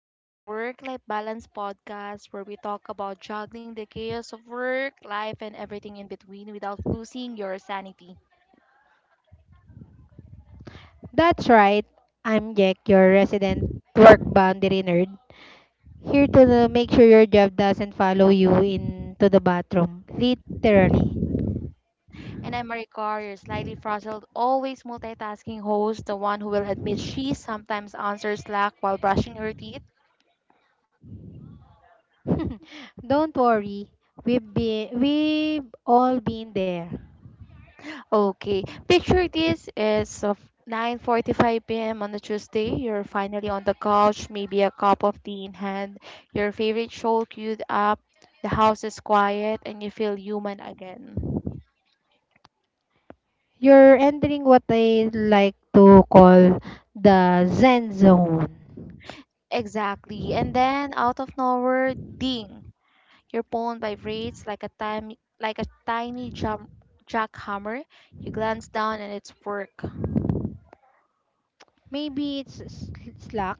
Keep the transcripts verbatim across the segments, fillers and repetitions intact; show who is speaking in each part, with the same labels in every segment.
Speaker 1: welcome to the Work Life Balance podcast where we talk about juggling the chaos of work, life, and everything in between without losing your sanity.
Speaker 2: That's right. I'm Jack, your resident work boundary nerd, here to uh, make sure your job doesn't follow you into the bathroom, literally.
Speaker 1: And I'm Maricar, your slightly frazzled, always multitasking host, the one who will admit she sometimes answers Slack while brushing her teeth.
Speaker 2: Don't worry, we've been we've all been there.
Speaker 1: Okay. Picture this is of nine forty-five p m on a Tuesday. You're finally on the couch, maybe a cup of tea in hand, your favorite show queued up, the house is quiet, and you feel human again.
Speaker 2: You're entering what I like to call the Zen zone.
Speaker 1: Exactly. And then out of nowhere, ding. Your phone vibrates like a tiny like a tiny jump jackhammer. You glance down and it's work.
Speaker 2: Maybe it's s- Slack,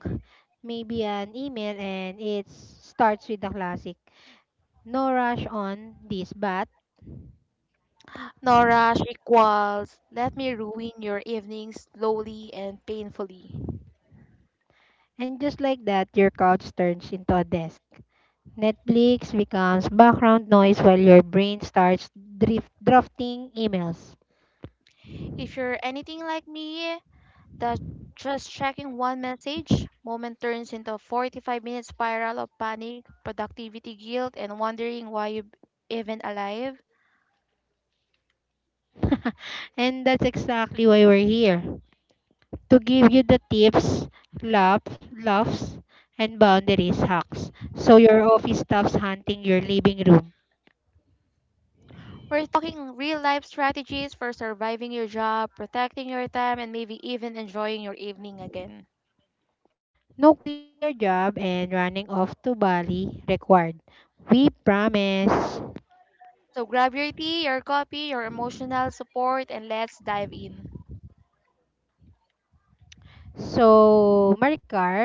Speaker 2: maybe an email, and it starts with the classic. No rush on this, but
Speaker 1: No rush equals let me ruin your evening slowly and painfully.
Speaker 2: and just like that, your couch turns into a desk. Netflix becomes background noise while your brain starts drift, drafting emails.
Speaker 1: If you're anything like me, that just checking one message moment turns into a forty-five minute spiral of panic, productivity guilt, and wondering why you're even alive.
Speaker 2: And that's exactly why we're here to give you the tips, laughs, laughs, and boundaries hacks so your office stops hunting your living room.
Speaker 1: We're talking real life strategies for surviving your job, protecting your time, and maybe even enjoying your evening again.
Speaker 2: No quitting your job and running off to Bali required. We promise.
Speaker 1: So grab your tea, your coffee, your emotional support, and let's dive in.
Speaker 2: So, Maricar,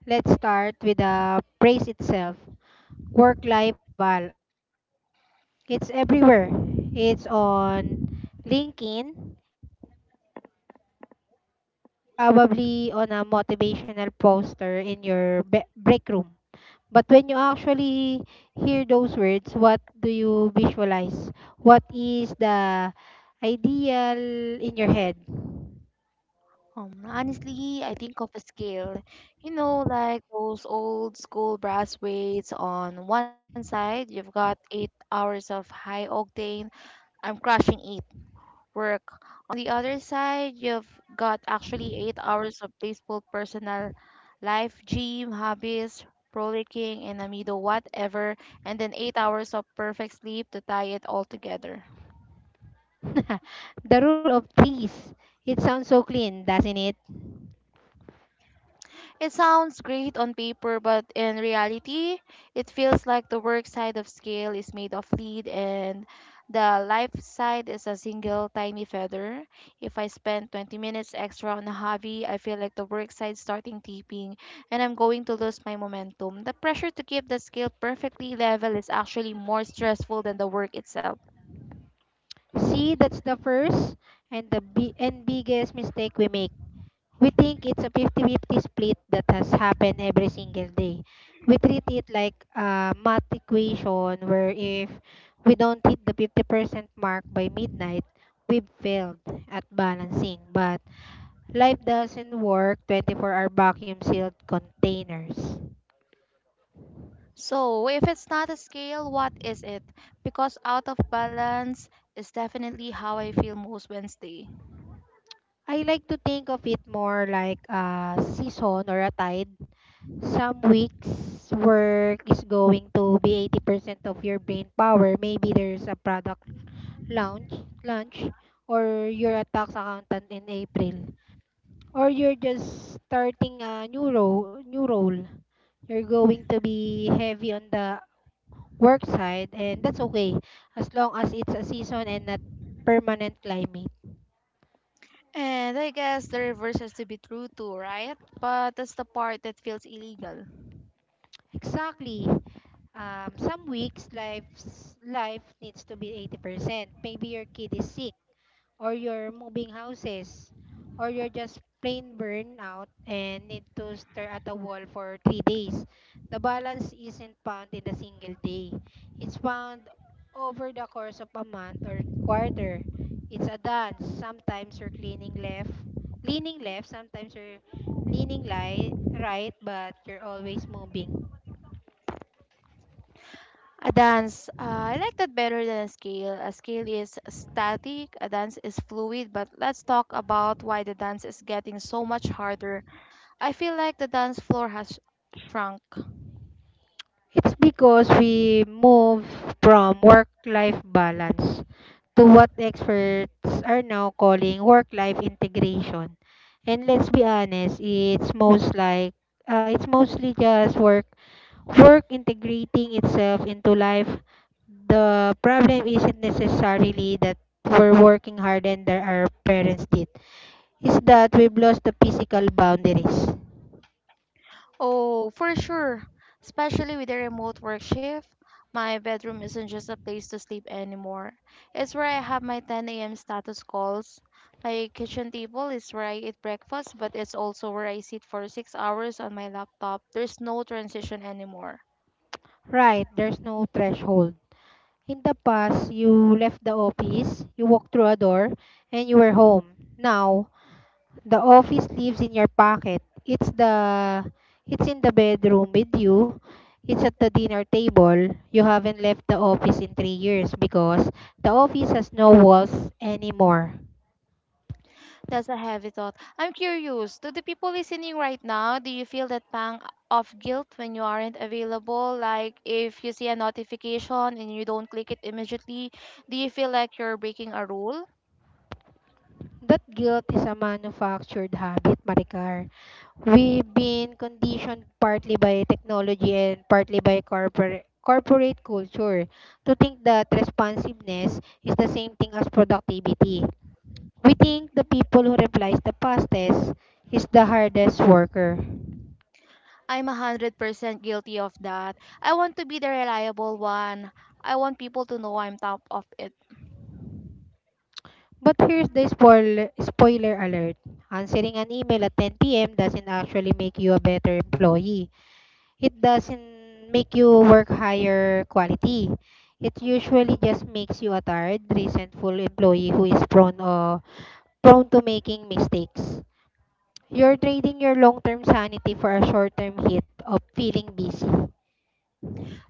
Speaker 2: let's start with the praise itself. Work-life bal- balance. It's everywhere. It's on LinkedIn. It's in every H R handbook. It's probably on a motivational poster in your be- break room. But when you actually hear those words, what do you visualize? What is the ideal in your head?
Speaker 1: Um, honestly, I think of a scale. You know, like those old school brass weights on one side, you've got eight hours of high octane, I'm crushing it, work. On the other side, you've got actually eight hours of peaceful personal life, gym, hobbies, frolicking, and amido, whatever, and then eight hours of perfect sleep to tie it all together.
Speaker 2: The rule of threes. It sounds so clean, doesn't it?
Speaker 1: It sounds great on paper, but in reality, it feels like the work side of scale is made of lead and the life side is a single tiny feather. If I spend twenty minutes extra on a hobby, I feel like the work side starting tipping and I'm going to lose my momentum. The pressure to keep the scale perfectly level is actually more stressful than the work itself.
Speaker 2: See, that's the first and the bi- and biggest mistake we make. We think it's a fifty fifty split that has happened every single day. We treat it like a math equation where if we don't hit the fifty percent mark by midnight, we've failed at balancing. But life doesn't work twenty-four-hour vacuum sealed containers.
Speaker 1: So, if it's not a scale, what is it? Because out of balance is definitely how I feel most Wednesday.
Speaker 2: I like to think of it more like a season or a tide. Some weeks work is going to be eighty percent of your brain power. Maybe there's a product launch, launch, or you're a tax accountant in April. Or you're just starting a new role, new role. You're going to be heavy on the work side, and that's okay as long as it's a season and not permanent climate.
Speaker 1: And I guess the reverse has to be true too, right? But that's the part that feels illegal.
Speaker 2: Exactly. Um, some weeks life's life needs to be eighty percent. Maybe your kid is sick, or you're moving houses, or you're just plain burnout and need to stare at a wall for three days. The balance isn't found in a single day. It's found over the course of a month or quarter. It's a dance. Sometimes you're cleaning left, leaning left, sometimes you're leaning li- right, but you're always moving.
Speaker 1: A dance, uh, I like that better than a scale. A scale is static, a dance is fluid, but let's talk about why the dance is getting so much harder. I feel like the dance floor has shrunk.
Speaker 2: It's because we move from work-life balance to what experts are now calling work-life integration. And let's be honest, it's most like uh, it's mostly just work work integrating itself into life. The problem isn't necessarily that we're working harder than our parents did. It's that we've lost the physical boundaries.
Speaker 1: Oh, for sure. Especially with the remote work shift. My bedroom isn't just a place to sleep anymore. It's where I have my ten a m status calls. My kitchen table is where I eat breakfast, but it's also where I sit for six hours on my laptop. There's no transition anymore.
Speaker 2: Right, there's no threshold. In the past, you left the office, you walked through a door, and you were home. Now, the office lives in your pocket. It's the it's in the bedroom with you. It's at the dinner table. You haven't left the office in three years because the office has no walls anymore.
Speaker 1: That's a heavy thought. I'm curious, to the people listening right now, do you feel that pang of guilt when you aren't available? Like if you see a notification and you don't click it immediately, do you feel like you're breaking a rule?
Speaker 2: That guilt is a manufactured habit, Maricar. We've been conditioned partly by technology and partly by corporate corporate culture to think that responsiveness is the same thing as productivity. We think the people who replies the fastest is the hardest worker.
Speaker 1: I'm one hundred percent guilty of that. I want to be the reliable one. I want people to know I'm top of it.
Speaker 2: But here's the spoiler, spoiler alert. Answering an email at ten p m doesn't actually make you a better employee. It doesn't make you work higher quality. It usually just makes you a tired, resentful employee who is prone uh, prone to making mistakes. You're trading your long-term sanity for a short-term hit of feeling busy.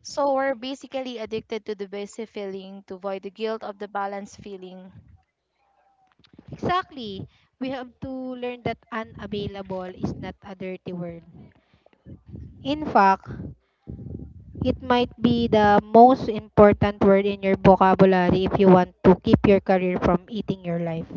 Speaker 1: So we're basically addicted to the busy feeling to avoid the guilt of the balance feeling.
Speaker 2: Exactly. We have to learn that unavailable is not a dirty word. In fact, it might be the most important word in your vocabulary if you want to keep your career from eating your life.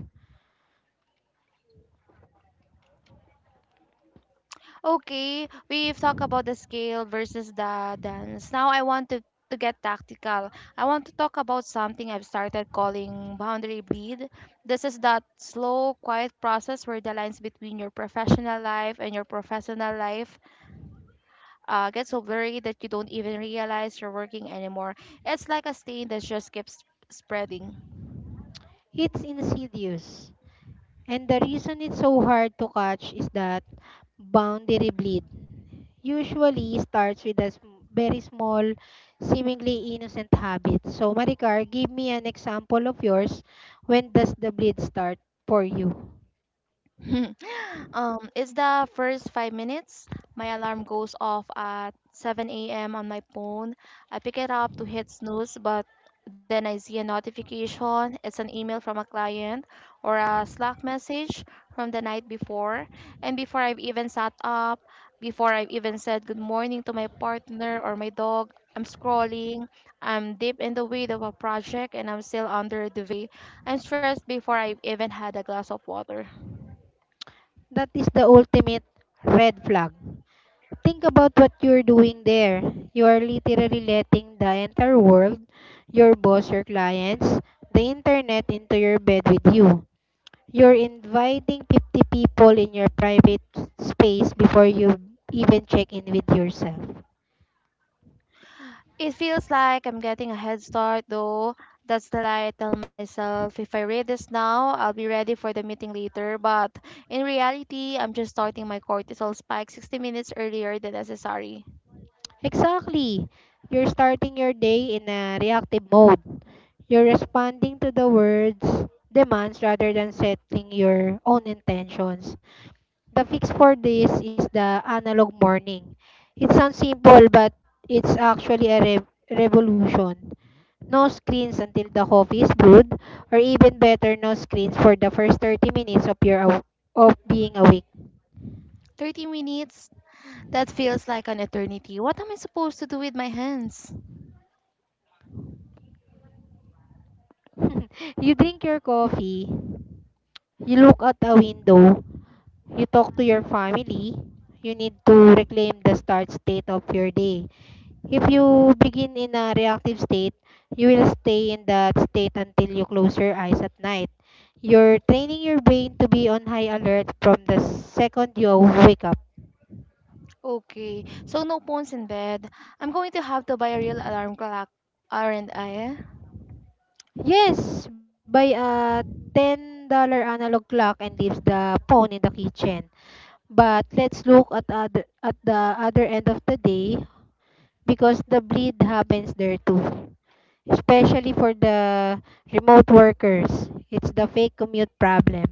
Speaker 1: Okay, we've talked about the scale versus the dance. Now I want to, to get tactical. I want to talk about something I've started calling boundary bleed. This is that slow, quiet process where the lines between your professional life and your professional life uh, get so blurry that you don't even realize you're working anymore. It's like a stain that just keeps spreading.
Speaker 2: It's insidious. And the reason it's so hard to catch is that boundary bleed usually starts with a sm- very small, seemingly innocent habit. So, Maricar, give me an example of yours. When does the bleed start for you?
Speaker 1: Um, it's the first five minutes. My alarm goes off at seven a m on my phone. I pick it up to hit snooze, but then I see a notification. It's an email from a client or a Slack message from the night before. And before I've even sat up, before I've even said good morning to my partner or my dog, I'm scrolling. I'm deep in the weed of a project and I'm still under the way. I'm stressed before I've even had a glass of water.
Speaker 2: That is the ultimate red flag. Think about what you're doing there. You are literally letting the entire world, your boss, your clients, the internet into your bed with you. You're inviting fifty people in your private space before you even check in with yourself.
Speaker 1: It feels like I'm getting a head start, though. That's the lie I tell myself. If I read this now, I'll be ready for the meeting later. But in reality, I'm just starting my cortisol spike sixty minutes earlier than necessary.
Speaker 2: Exactly. You're starting your day in a reactive mode. You're responding to the words, demands rather than setting your own intentions. The fix for this is the analog morning. It sounds simple, but it's actually a re- revolution. No screens until the coffee is brewed, or even better, no screens for the first thirty minutes of your aw- of being awake.
Speaker 1: thirty minutes? That feels like an eternity. What am I supposed to do with my hands?
Speaker 2: You drink your coffee, you look out a window, you talk to your family, you need to reclaim the start state of your day. If you begin in a reactive state, you will stay in that state until you close your eyes at night. You're training your brain to be on high alert from the second you wake up.
Speaker 1: Okay, so no phones in bed. I'm going to have to buy a real alarm clock, aren't I?
Speaker 2: Yes, buy a ten-dollar analog clock and leaves the phone in the kitchen. But let's look at other, at the other end of the day, because the bleed happens there too. Especially for the remote workers, it's the fake commute problem.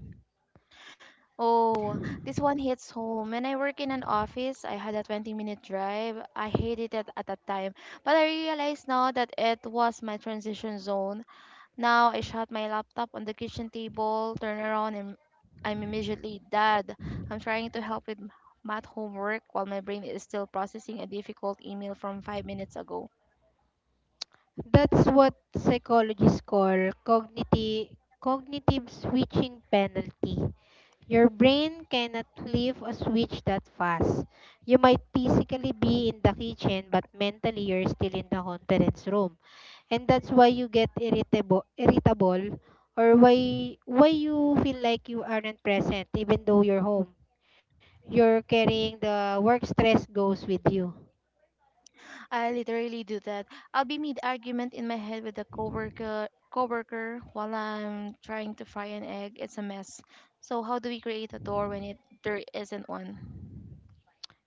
Speaker 1: Oh, this one hits home. When I work in an office, I had a twenty minute drive. I hated it at that time, but I realize now that it was my transition zone. Now I shut my laptop on the kitchen table, turn around, and I'm immediately dad. I'm trying to help with math homework while my brain is still processing a difficult email from five minutes ago.
Speaker 2: That's what psychologists call cognitive cognitive switching penalty. Your brain cannot flip a switch that fast. You might physically be in the kitchen, but mentally you're still in the conference room. And that's why you get irritable, irritable, or why why you feel like you aren't present even though you're home. You're carrying the work stress goes with you.
Speaker 1: I literally do that. I'll be mid argument in my head with a coworker coworker while I'm trying to fry an egg. It's a mess. So how do we create a door when it there isn't one?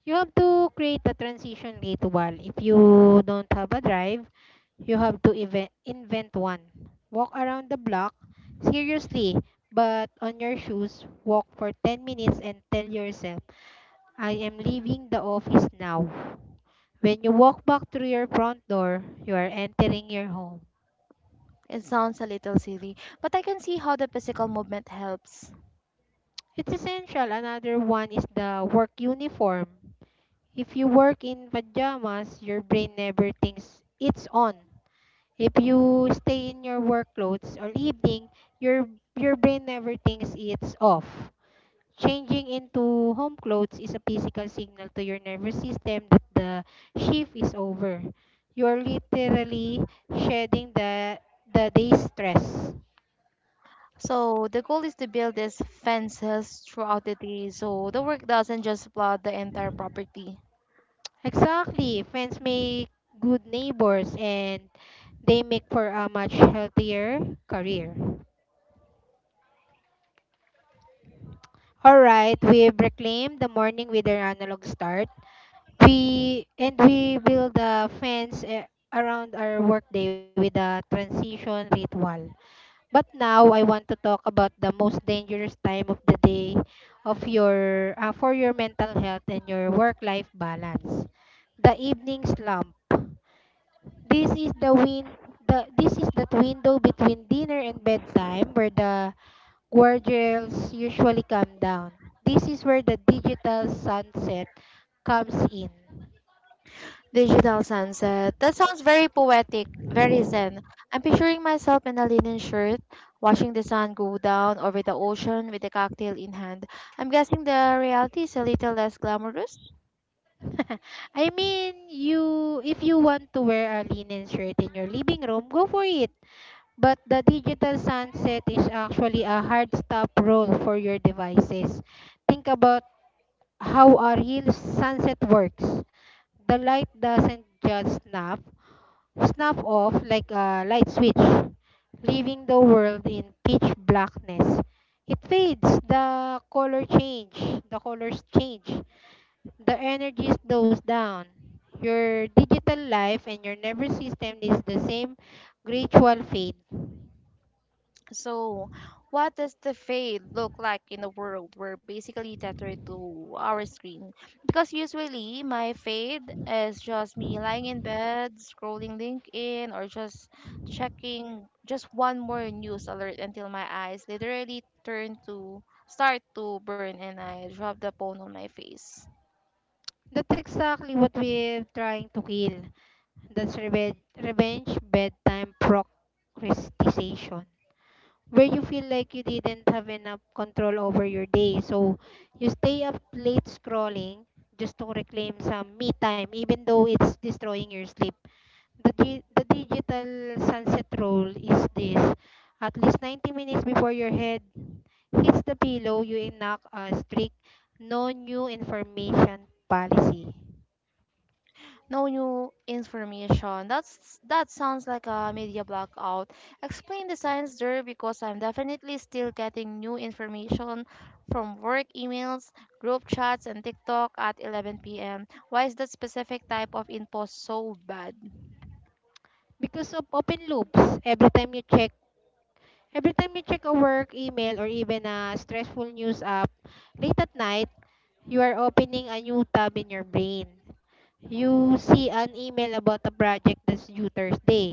Speaker 2: You have to create a transition ritual. If you don't have a drive, you have to even- invent one. Walk around the block, seriously, but on your shoes, walk for ten minutes and tell yourself, I am leaving the office now. When you walk back through your front door, you are entering your home.
Speaker 1: It sounds a little silly, but I can see how the physical movement helps.
Speaker 2: It's essential. Another one is the work uniform. If you work in pajamas, your brain never thinks it's on. If you stay in your work clothes all evening, your your brain never thinks it's off. Changing into home clothes is a physical signal to your nervous system that the shift is over. You're literally shedding the the day's stress.
Speaker 1: So the goal is to build these fences throughout the day so the work doesn't just flood the entire property.
Speaker 2: Exactly. Friends make good neighbors, and they make for a much healthier career. All right, we've reclaimed the morning with our analog start. We and we build a fence eh, around our workday with a transition ritual. But now I want to talk about the most dangerous time of the day of your uh, for your mental health and your work-life balance. The evening slump. This is the win the this is that window between dinner and bedtime where the guardrails usually come down. This is where the digital sunset comes in.
Speaker 1: Digital sunset. That sounds very poetic, very zen. I'm picturing myself in a linen shirt, watching the sun go down over the ocean with a cocktail in hand. I'm guessing the reality is a little less glamorous.
Speaker 2: I mean, you if you want to wear a linen shirt in your living room, go for it. But the digital sunset is actually a hard stop rule for your devices. Think about how a real sunset works. The light doesn't just snap, snap off like a light switch, leaving the world in pitch blackness. It fades, the color change, the colors change, the energy slows down. Your digital life and your nervous system is the same gradual fade.
Speaker 1: So, what does the fade look like in a world where basically tethered to our screen? Because usually my fade is just me lying in bed, scrolling LinkedIn, or just checking just one more news alert until my eyes literally turn to start to burn and I drop the phone on my face.
Speaker 2: That's exactly what we're trying to kill. That's reve- revenge bedtime procrastination, where you feel like you didn't have enough control over your day, so you stay up late scrolling just to reclaim some me time, even though it's destroying your sleep. The, di- the digital sunset roll is this. At least ninety minutes before your head hits the pillow, you enact a strict no new information policy.
Speaker 1: No new information. That's that sounds like a media blackout. Explain the science there because I'm definitely still getting new information from work emails, group chats, and TikTok at eleven p m. Why is that specific type of info so bad?
Speaker 2: Because of open loops, every time you check every time you check a work email or even a stressful news app late at night, you are opening a new tab in your brain. You see an email about a project that's due Thursday.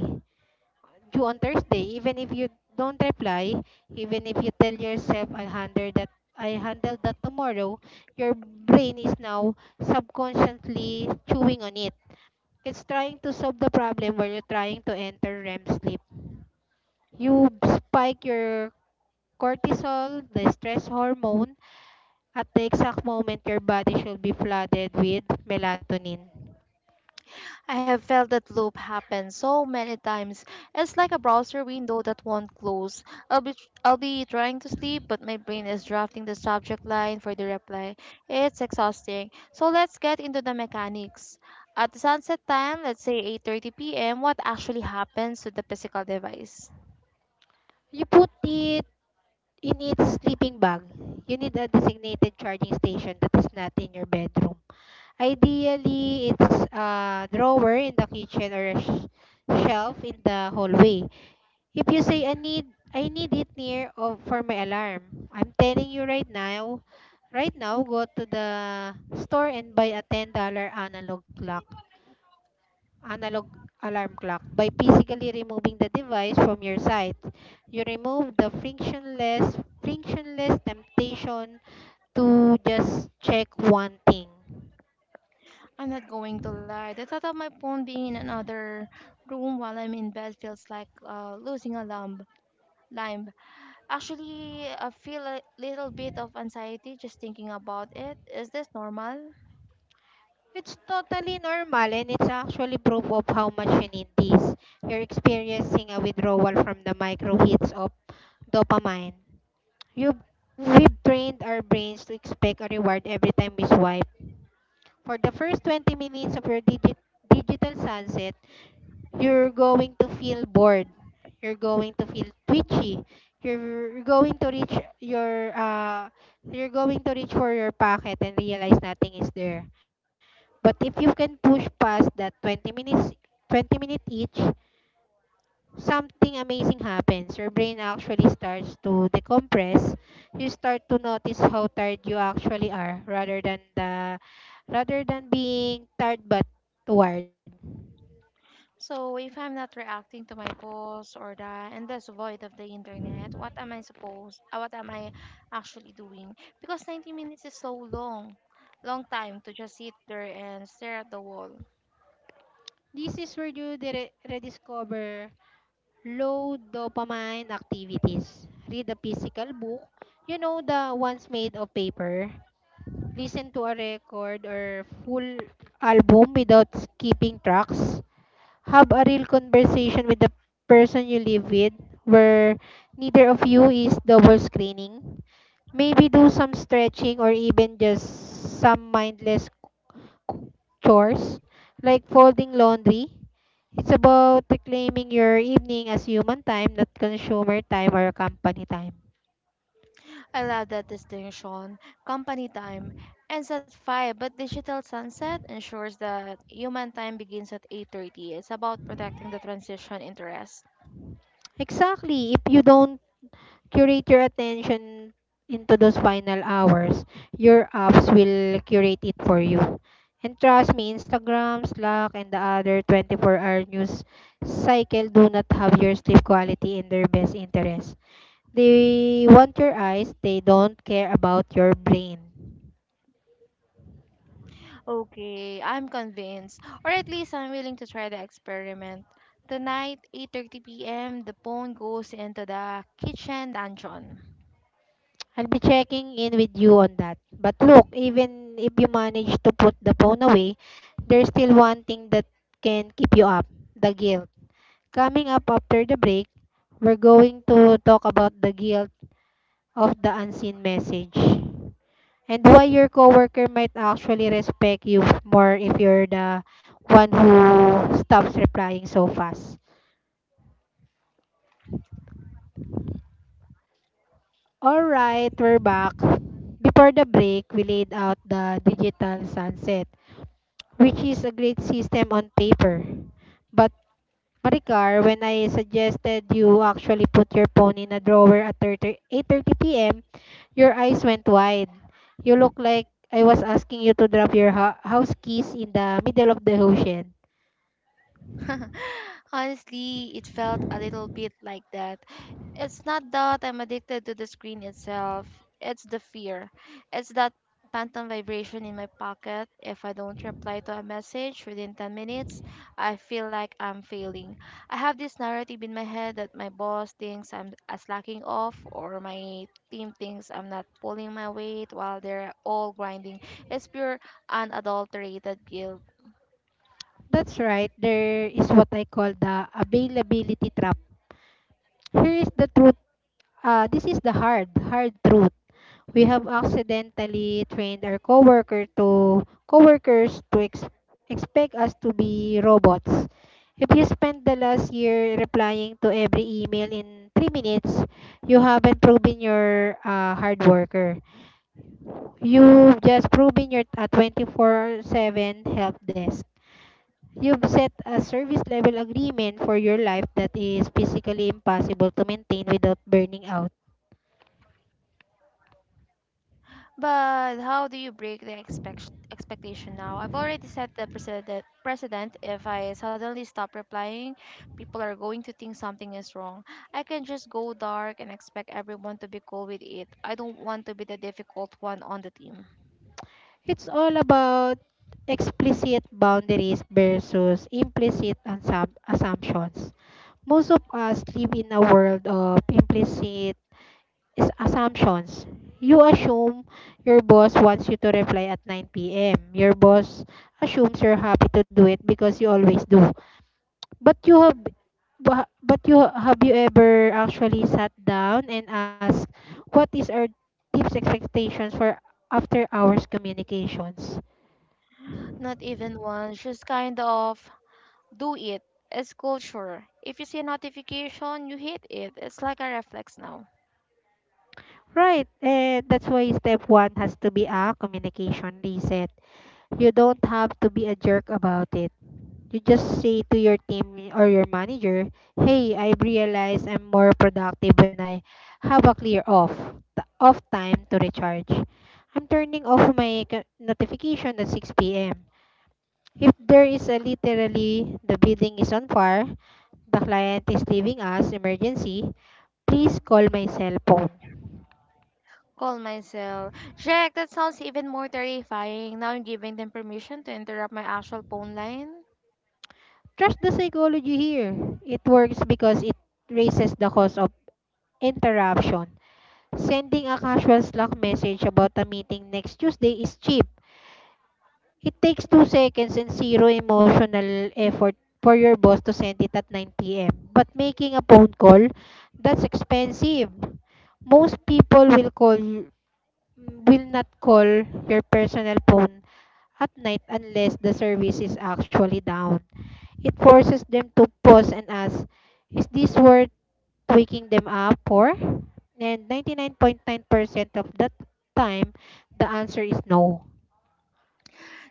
Speaker 2: due on Thursday, even if you don't reply, even if you tell yourself I'll handle that I handle that tomorrow, your brain is now subconsciously chewing on it. It's trying to solve the problem where you're trying to enter R E M sleep. You spike your cortisol, the stress hormone, at the exact moment your body should be flooded with melatonin.
Speaker 1: I have felt that loop happen so many times. It's like a browser window that won't close. I'll be I'll be trying to sleep, but my brain is drafting the subject line for the reply. It's exhausting. So let's get into the mechanics. At the sunset time, let's say eight thirty p m, what actually happens to the physical device?
Speaker 2: You put it You need sleeping bag. You need a designated charging station that is not in your bedroom. Ideally, it's a drawer in the kitchen or a sh- shelf in the hallway. If you say I need I need it near of for my alarm, I'm telling you right now, right now go to the store and buy a ten dollars analog clock analog alarm clock. By physically removing the device from your sight, you remove the frictionless frictionless temptation to just check one thing.
Speaker 1: I'm not going to lie. The thought of my phone being in another room while I'm in bed feels like uh, losing a limb. Lime. Actually, I feel a little bit of anxiety just thinking about it. Is this normal?
Speaker 2: It's totally normal, and it's actually proof of how much you need this. You're experiencing a withdrawal from the micro hits of dopamine. You've, we've trained our brains to expect a reward every time we swipe. For the first twenty minutes of your digi- digital sunset, you're going to feel bored, you're going to feel twitchy, you're going to reach your uh you're going to reach for your pocket and realize nothing is there. But if you can push past that twenty minutes, 20 minute each something amazing happens. Your brain actually starts to decompress. You start to notice how tired you actually are rather than the rather than being tired but tired.
Speaker 1: So, if I'm not reacting to my boss or the endless void of the internet, what am I supposed? Uh, What am I actually doing? Because ninety minutes is so long, long time to just sit there and stare at the wall.
Speaker 2: This is where you dire- rediscover low dopamine activities. Read a physical book, you know, the ones made of paper. Listen to a record or full album without skipping tracks. Have a real conversation with the person you live with where neither of you is double screening. Maybe do some stretching or even just some mindless chores like folding laundry. It's about reclaiming your evening as human time, not consumer time or company time.
Speaker 1: I love that distinction. Company time ends at five, but digital sunset ensures that human time begins at eight thirty. It's about protecting the transition interest.
Speaker 2: Exactly. If you don't curate your attention into those final hours, your apps will curate it for you. And trust me, Instagram, Slack, and the other twenty-four hour news cycle do not have your sleep quality in their best interest. They want your eyes, they don't care about your brain.
Speaker 1: Okay, I'm convinced. Or at least I'm willing to try the experiment. Tonight, eight thirty p m, the phone goes into the kitchen dungeon.
Speaker 2: I'll be checking in with you on that. But look, even if you manage to put the phone away, there's still one thing that can keep you up: the guilt. Coming up after the break, we're going to talk about the guilt of the unseen message and why your coworker might actually respect you more if you're the one who stops replying so fast. All right, we're back. Before the break, we laid out the digital sunset, which is a great system on paper. But Maricar, when I suggested you actually put your phone in a drawer at 30 eight thirty p m, your eyes went wide. You look like I was asking you to drop your ho- house keys in the middle of the ocean.
Speaker 1: Honestly, it felt a little bit like that. It's not that I'm addicted to the screen itself, it's the fear. It's that phantom vibration in my pocket. If I don't reply to a message within ten minutes, I feel like I'm failing. I have this narrative in my head that my boss thinks I'm a slacking off or my team thinks I'm not pulling my weight while they're all grinding. It's pure unadulterated guilt.
Speaker 2: That's right. There is what I call the availability trap. Here is the truth. Uh, this is the hard, hard truth. We have accidentally trained our coworker to coworkers to ex- expect us to be robots. If you spent the last year replying to every email in three minutes, you haven't proven you're a hard worker. You've just proven you're a twenty-four-seven help desk. You've set a service level agreement for your life that is physically impossible to maintain without burning out.
Speaker 1: But how do you break the expect- expectation now? I've already set the precedent. Precedent. If I suddenly stop replying, people are going to think something is wrong. I can just go dark and expect everyone to be cool with it. I don't want to be the difficult one on the team.
Speaker 2: It's all about explicit boundaries versus implicit assump- assumptions. Most of us live in a world of implicit is- assumptions. You assume your boss wants you to reply at nine p m. Your boss assumes you're happy to do it because you always do. But you have bu- but you have you ever actually sat down and asked, what is our team's expectations for after hours communications?
Speaker 1: Not even one. Just kind of do it. It's culture. If you see a notification, you hit it. It's like a reflex now.
Speaker 2: Right, and that's why step one has to be a communication reset. You don't have to be a jerk about it. You just say to your team or your manager, "Hey, I realize I'm more productive when I have a clear off t- off time to recharge. I'm turning off my c- notification at six p m. If there is a, literally, the building is on fire, the client is leaving us emergency, please call my cell phone."
Speaker 1: Call myself. Jack, that sounds even more terrifying. Now I'm giving them permission to interrupt my actual phone line.
Speaker 2: Trust the psychology here. It works because it raises the cost of interruption. Sending a casual Slack message about a meeting next Tuesday is cheap. It takes two seconds and zero emotional effort for your boss to send it at nine p m. But making a phone call, that's expensive. Most people will call mm, will not call your personal phone at night unless the service is actually down. It forces them to pause and ask, is this worth waking them up for? And ninety-nine point nine percent of that time, the answer is no.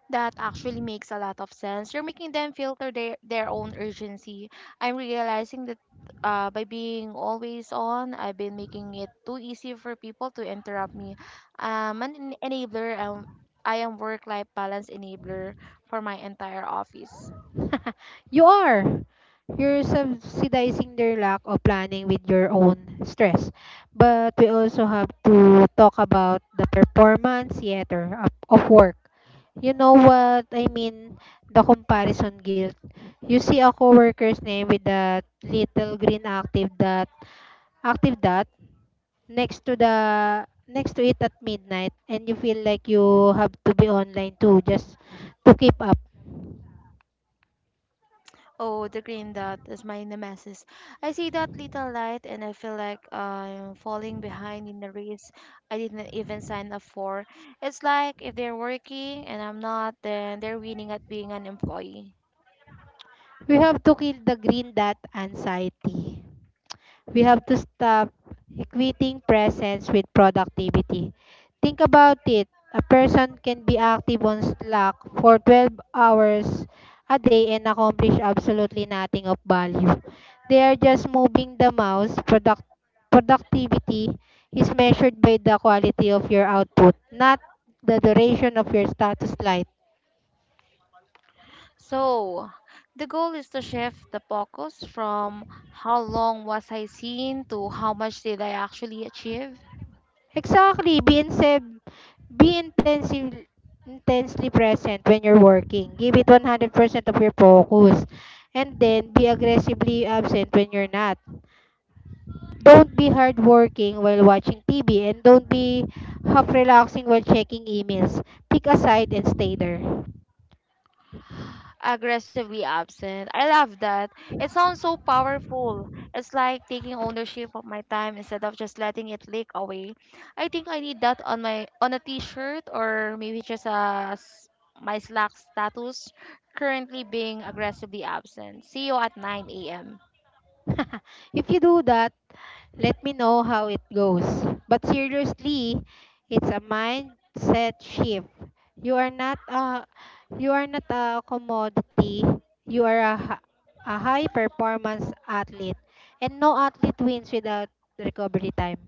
Speaker 1: That actually makes a lot of sense. You're making them filter their, their own urgency. I'm realizing that uh, by being always on, I've been making it too easy for people to interrupt me. Um, an en- enabler, um, I am work life balance enabler for my entire office.
Speaker 2: You are. You're subsidizing their lack of planning with your own stress. But we also have to talk about the performance theater of, of work. You know what I mean? The comparison guilt. You see a coworker's name with that little green active dot, active dot next to the next to it at midnight, and you feel like you have to be online too just to keep up.
Speaker 1: Oh, the green dot is my nemesis. I see that little light and I feel like I'm falling behind in the race I didn't even sign up for. It's like if they're working and I'm not, then they're winning at being an employee.
Speaker 2: We have to kill the green dot anxiety. We have to stop equating presence with productivity. Think about it. A person can be active on Slack for twelve hours a day and accomplish absolutely nothing of value. They are just moving the mouse. Product- productivity is measured by the quality of your output, not the duration of your status light.
Speaker 1: So, the goal is to shift the focus from how long was I seen to how much did I actually achieve.
Speaker 2: Exactly. Be insev be intensive intensely present when you're working. Give it one hundred percent of your focus. And then be aggressively absent when you're not. Don't be hardworking while watching T V and don't be half relaxing while checking emails. Pick a side and stay there.
Speaker 1: Aggressively absent. I love that. It sounds so powerful. It's like taking ownership of my time instead of just letting it leak away. I think I need that on my on a t-shirt or maybe just a s- my Slack status currently being aggressively absent. See you at nine a m.
Speaker 2: If you do that, let me know how it goes. But seriously, it's a mindset shift. You are not a you are not a commodity. You are a, hi- a high performance athlete. And no athlete wins without recovery time.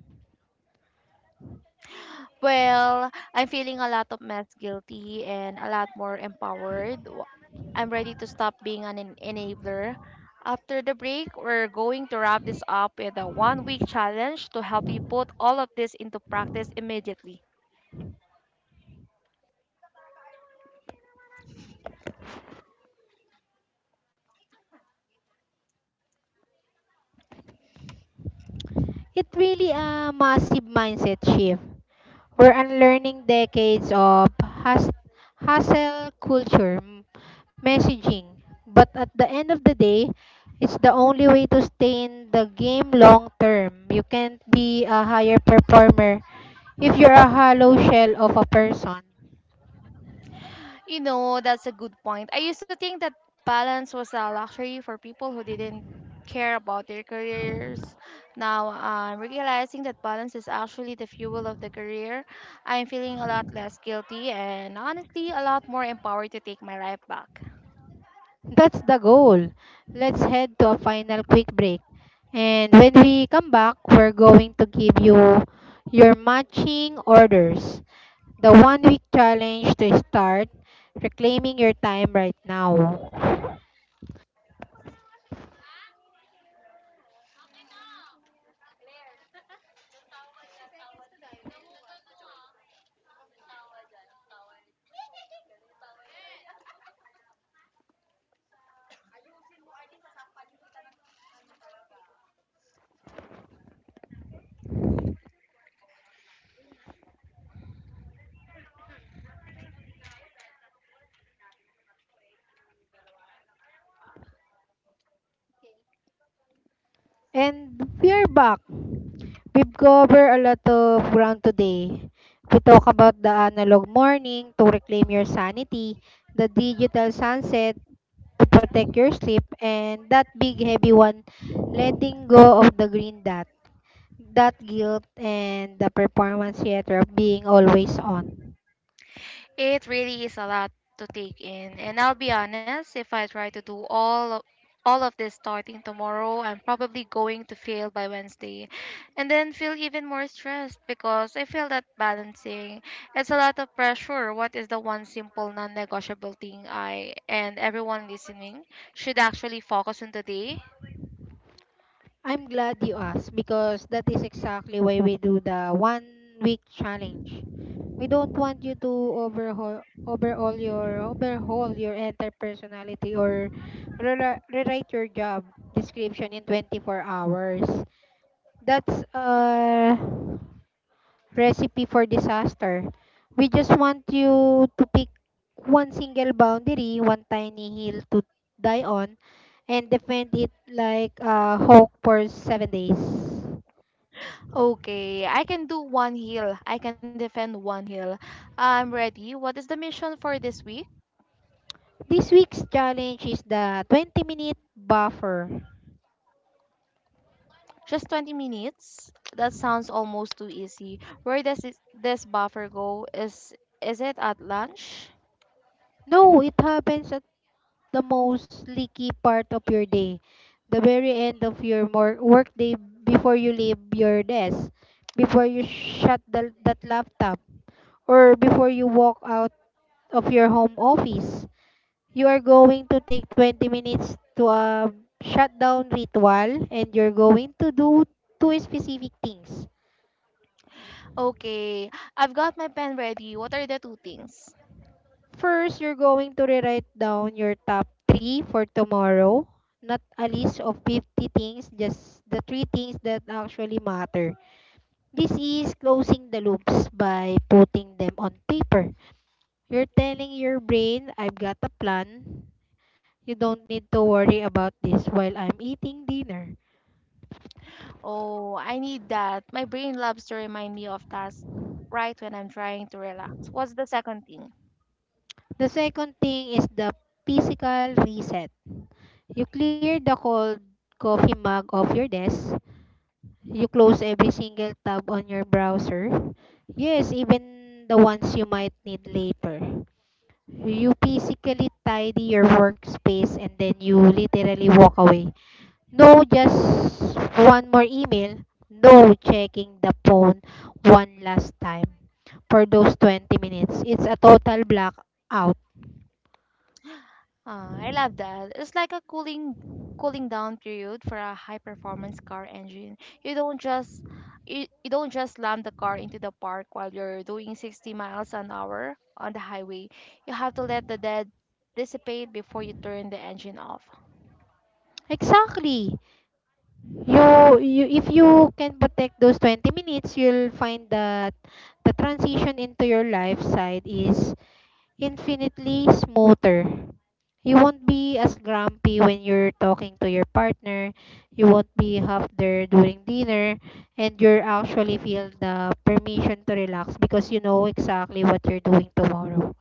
Speaker 1: Well, I'm feeling a lot of less guilty and a lot more empowered. I'm ready to stop being an en- enabler. After the break, we're going to wrap this up with a one week challenge to help you put all of this into practice immediately.
Speaker 2: It really a massive mindset shift. We're unlearning decades of has- hustle culture m- messaging. But at the end of the day, it's the only way to stay in the game long term. You can't be a higher performer if you're a hollow shell of a person.
Speaker 1: You know, that's a good point. I used to think that balance was a luxury for people who didn't care about their careers. Now I'm realizing that balance is actually the fuel of the career. I'm feeling a lot less guilty and honestly a lot more empowered to take my life back.
Speaker 2: That's the goal. Let's head to a final quick break. And when we come back, we're going to give you your matching orders, the one week challenge to start reclaiming your time right now. And we are back. We've covered a lot of ground today. We talk about the analog morning to reclaim your sanity, the digital sunset to protect your sleep, and that big heavy one, letting go of the green dot, that guilt and the performance theater of being always on.
Speaker 1: It really is a lot to take in, and I'll be honest, if I try to do all of, all of this starting tomorrow, I'm probably going to fail by Wednesday and then feel even more stressed because I feel that balancing it's a lot of pressure. What is the one simple non-negotiable thing I and everyone listening should actually focus on today?
Speaker 2: I'm glad you asked because that is exactly why we do the one week challenge. We don't want you to overhaul overhaul your overhaul your entire personality or rela- rewrite your job description in twenty-four hours. That's uh recipe for disaster. We just want you to pick one single boundary, one tiny hill to die on, and defend it like a hawk for seven days.
Speaker 1: Okay, I can do one heal. I can defend one heal. I'm ready. What is the mission for this week?
Speaker 2: This week's challenge is the twenty minute buffer.
Speaker 1: Just twenty minutes? That sounds almost too easy. Where does it, this buffer go? Is is it at lunch?
Speaker 2: No, it happens at the most leaky part of your day, the very end of your mor- work day, before you leave your desk, before you shut the, that laptop, or before you walk out of your home office. You are going to take twenty minutes to a shutdown ritual and you're going to do two specific things.
Speaker 1: Okay, I've got my pen ready. What are the two things?
Speaker 2: First, you're going to rewrite down your top three for tomorrow. Not a list of fifty things, just the three things that actually matter. This is closing the loops by putting them on paper. You're telling your brain, "I've got a plan. You don't need to worry about this while I'm eating dinner."
Speaker 1: Oh, I need that. My brain loves to remind me of tasks right when I'm trying to relax. What's the second thing?
Speaker 2: The second thing is the physical reset. You clear the cold coffee mug off your desk. You close every single tab on your browser. Yes, even the ones you might need later. You physically tidy your workspace and then you literally walk away. No, just one more email. No, checking the phone one last time for those twenty minutes. It's a total blackout.
Speaker 1: Ah, I love that. It's like a cooling cooling down period for a high performance car engine. You don't just you, you don't just slam the car into the park while you're doing sixty miles an hour on the highway. You have to let the dead dissipate before you turn the engine off.
Speaker 2: Exactly. you you if you can protect those twenty minutes, you'll find that the transition into your life side is infinitely smoother. You won't be as grumpy when you're talking to your partner. You won't be half there during dinner. And you're actually feel the permission to relax because you know exactly what you're doing tomorrow.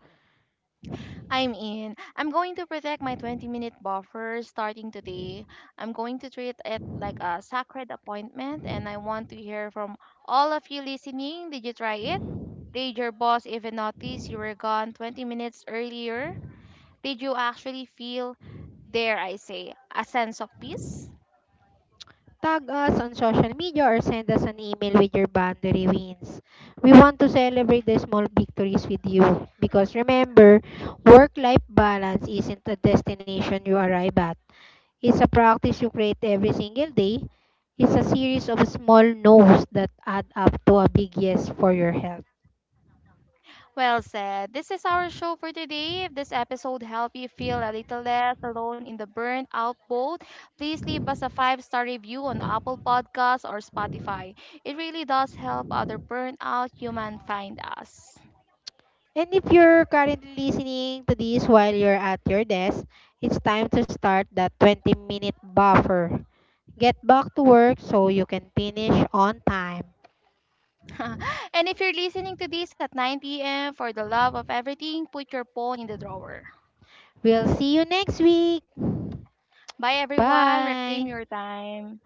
Speaker 1: I'm in. I'm going to protect my twenty minute buffer starting today. I'm going to treat it like a sacred appointment, and I want to hear from all of you listening. Did you try it? Did your boss even notice you were gone twenty minutes earlier? Did you actually feel, dare I say, a sense of peace?
Speaker 2: Tag us on social media or send us an email with your boundary wins. We want to celebrate the small victories with you because remember, work life balance isn't a destination you arrive at. It's a practice you create every single day. It's a series of small no's that add up to a big yes for your health.
Speaker 1: Well said. This is our show for today. If this episode helped you feel a little less alone in the burnt out boat, please leave us a five star review on Apple Podcasts or Spotify. It really does help other burnt out human find us.
Speaker 2: And if you're currently listening to this while you're at your desk, it's time to start that twenty minute buffer. Get back to work so you can finish on time.
Speaker 1: And if you're listening to this at nine p m, for the love of everything, put your phone in the drawer.
Speaker 2: We'll see you next week.
Speaker 1: Bye everyone. Reclaim
Speaker 2: Bye.
Speaker 1: your time.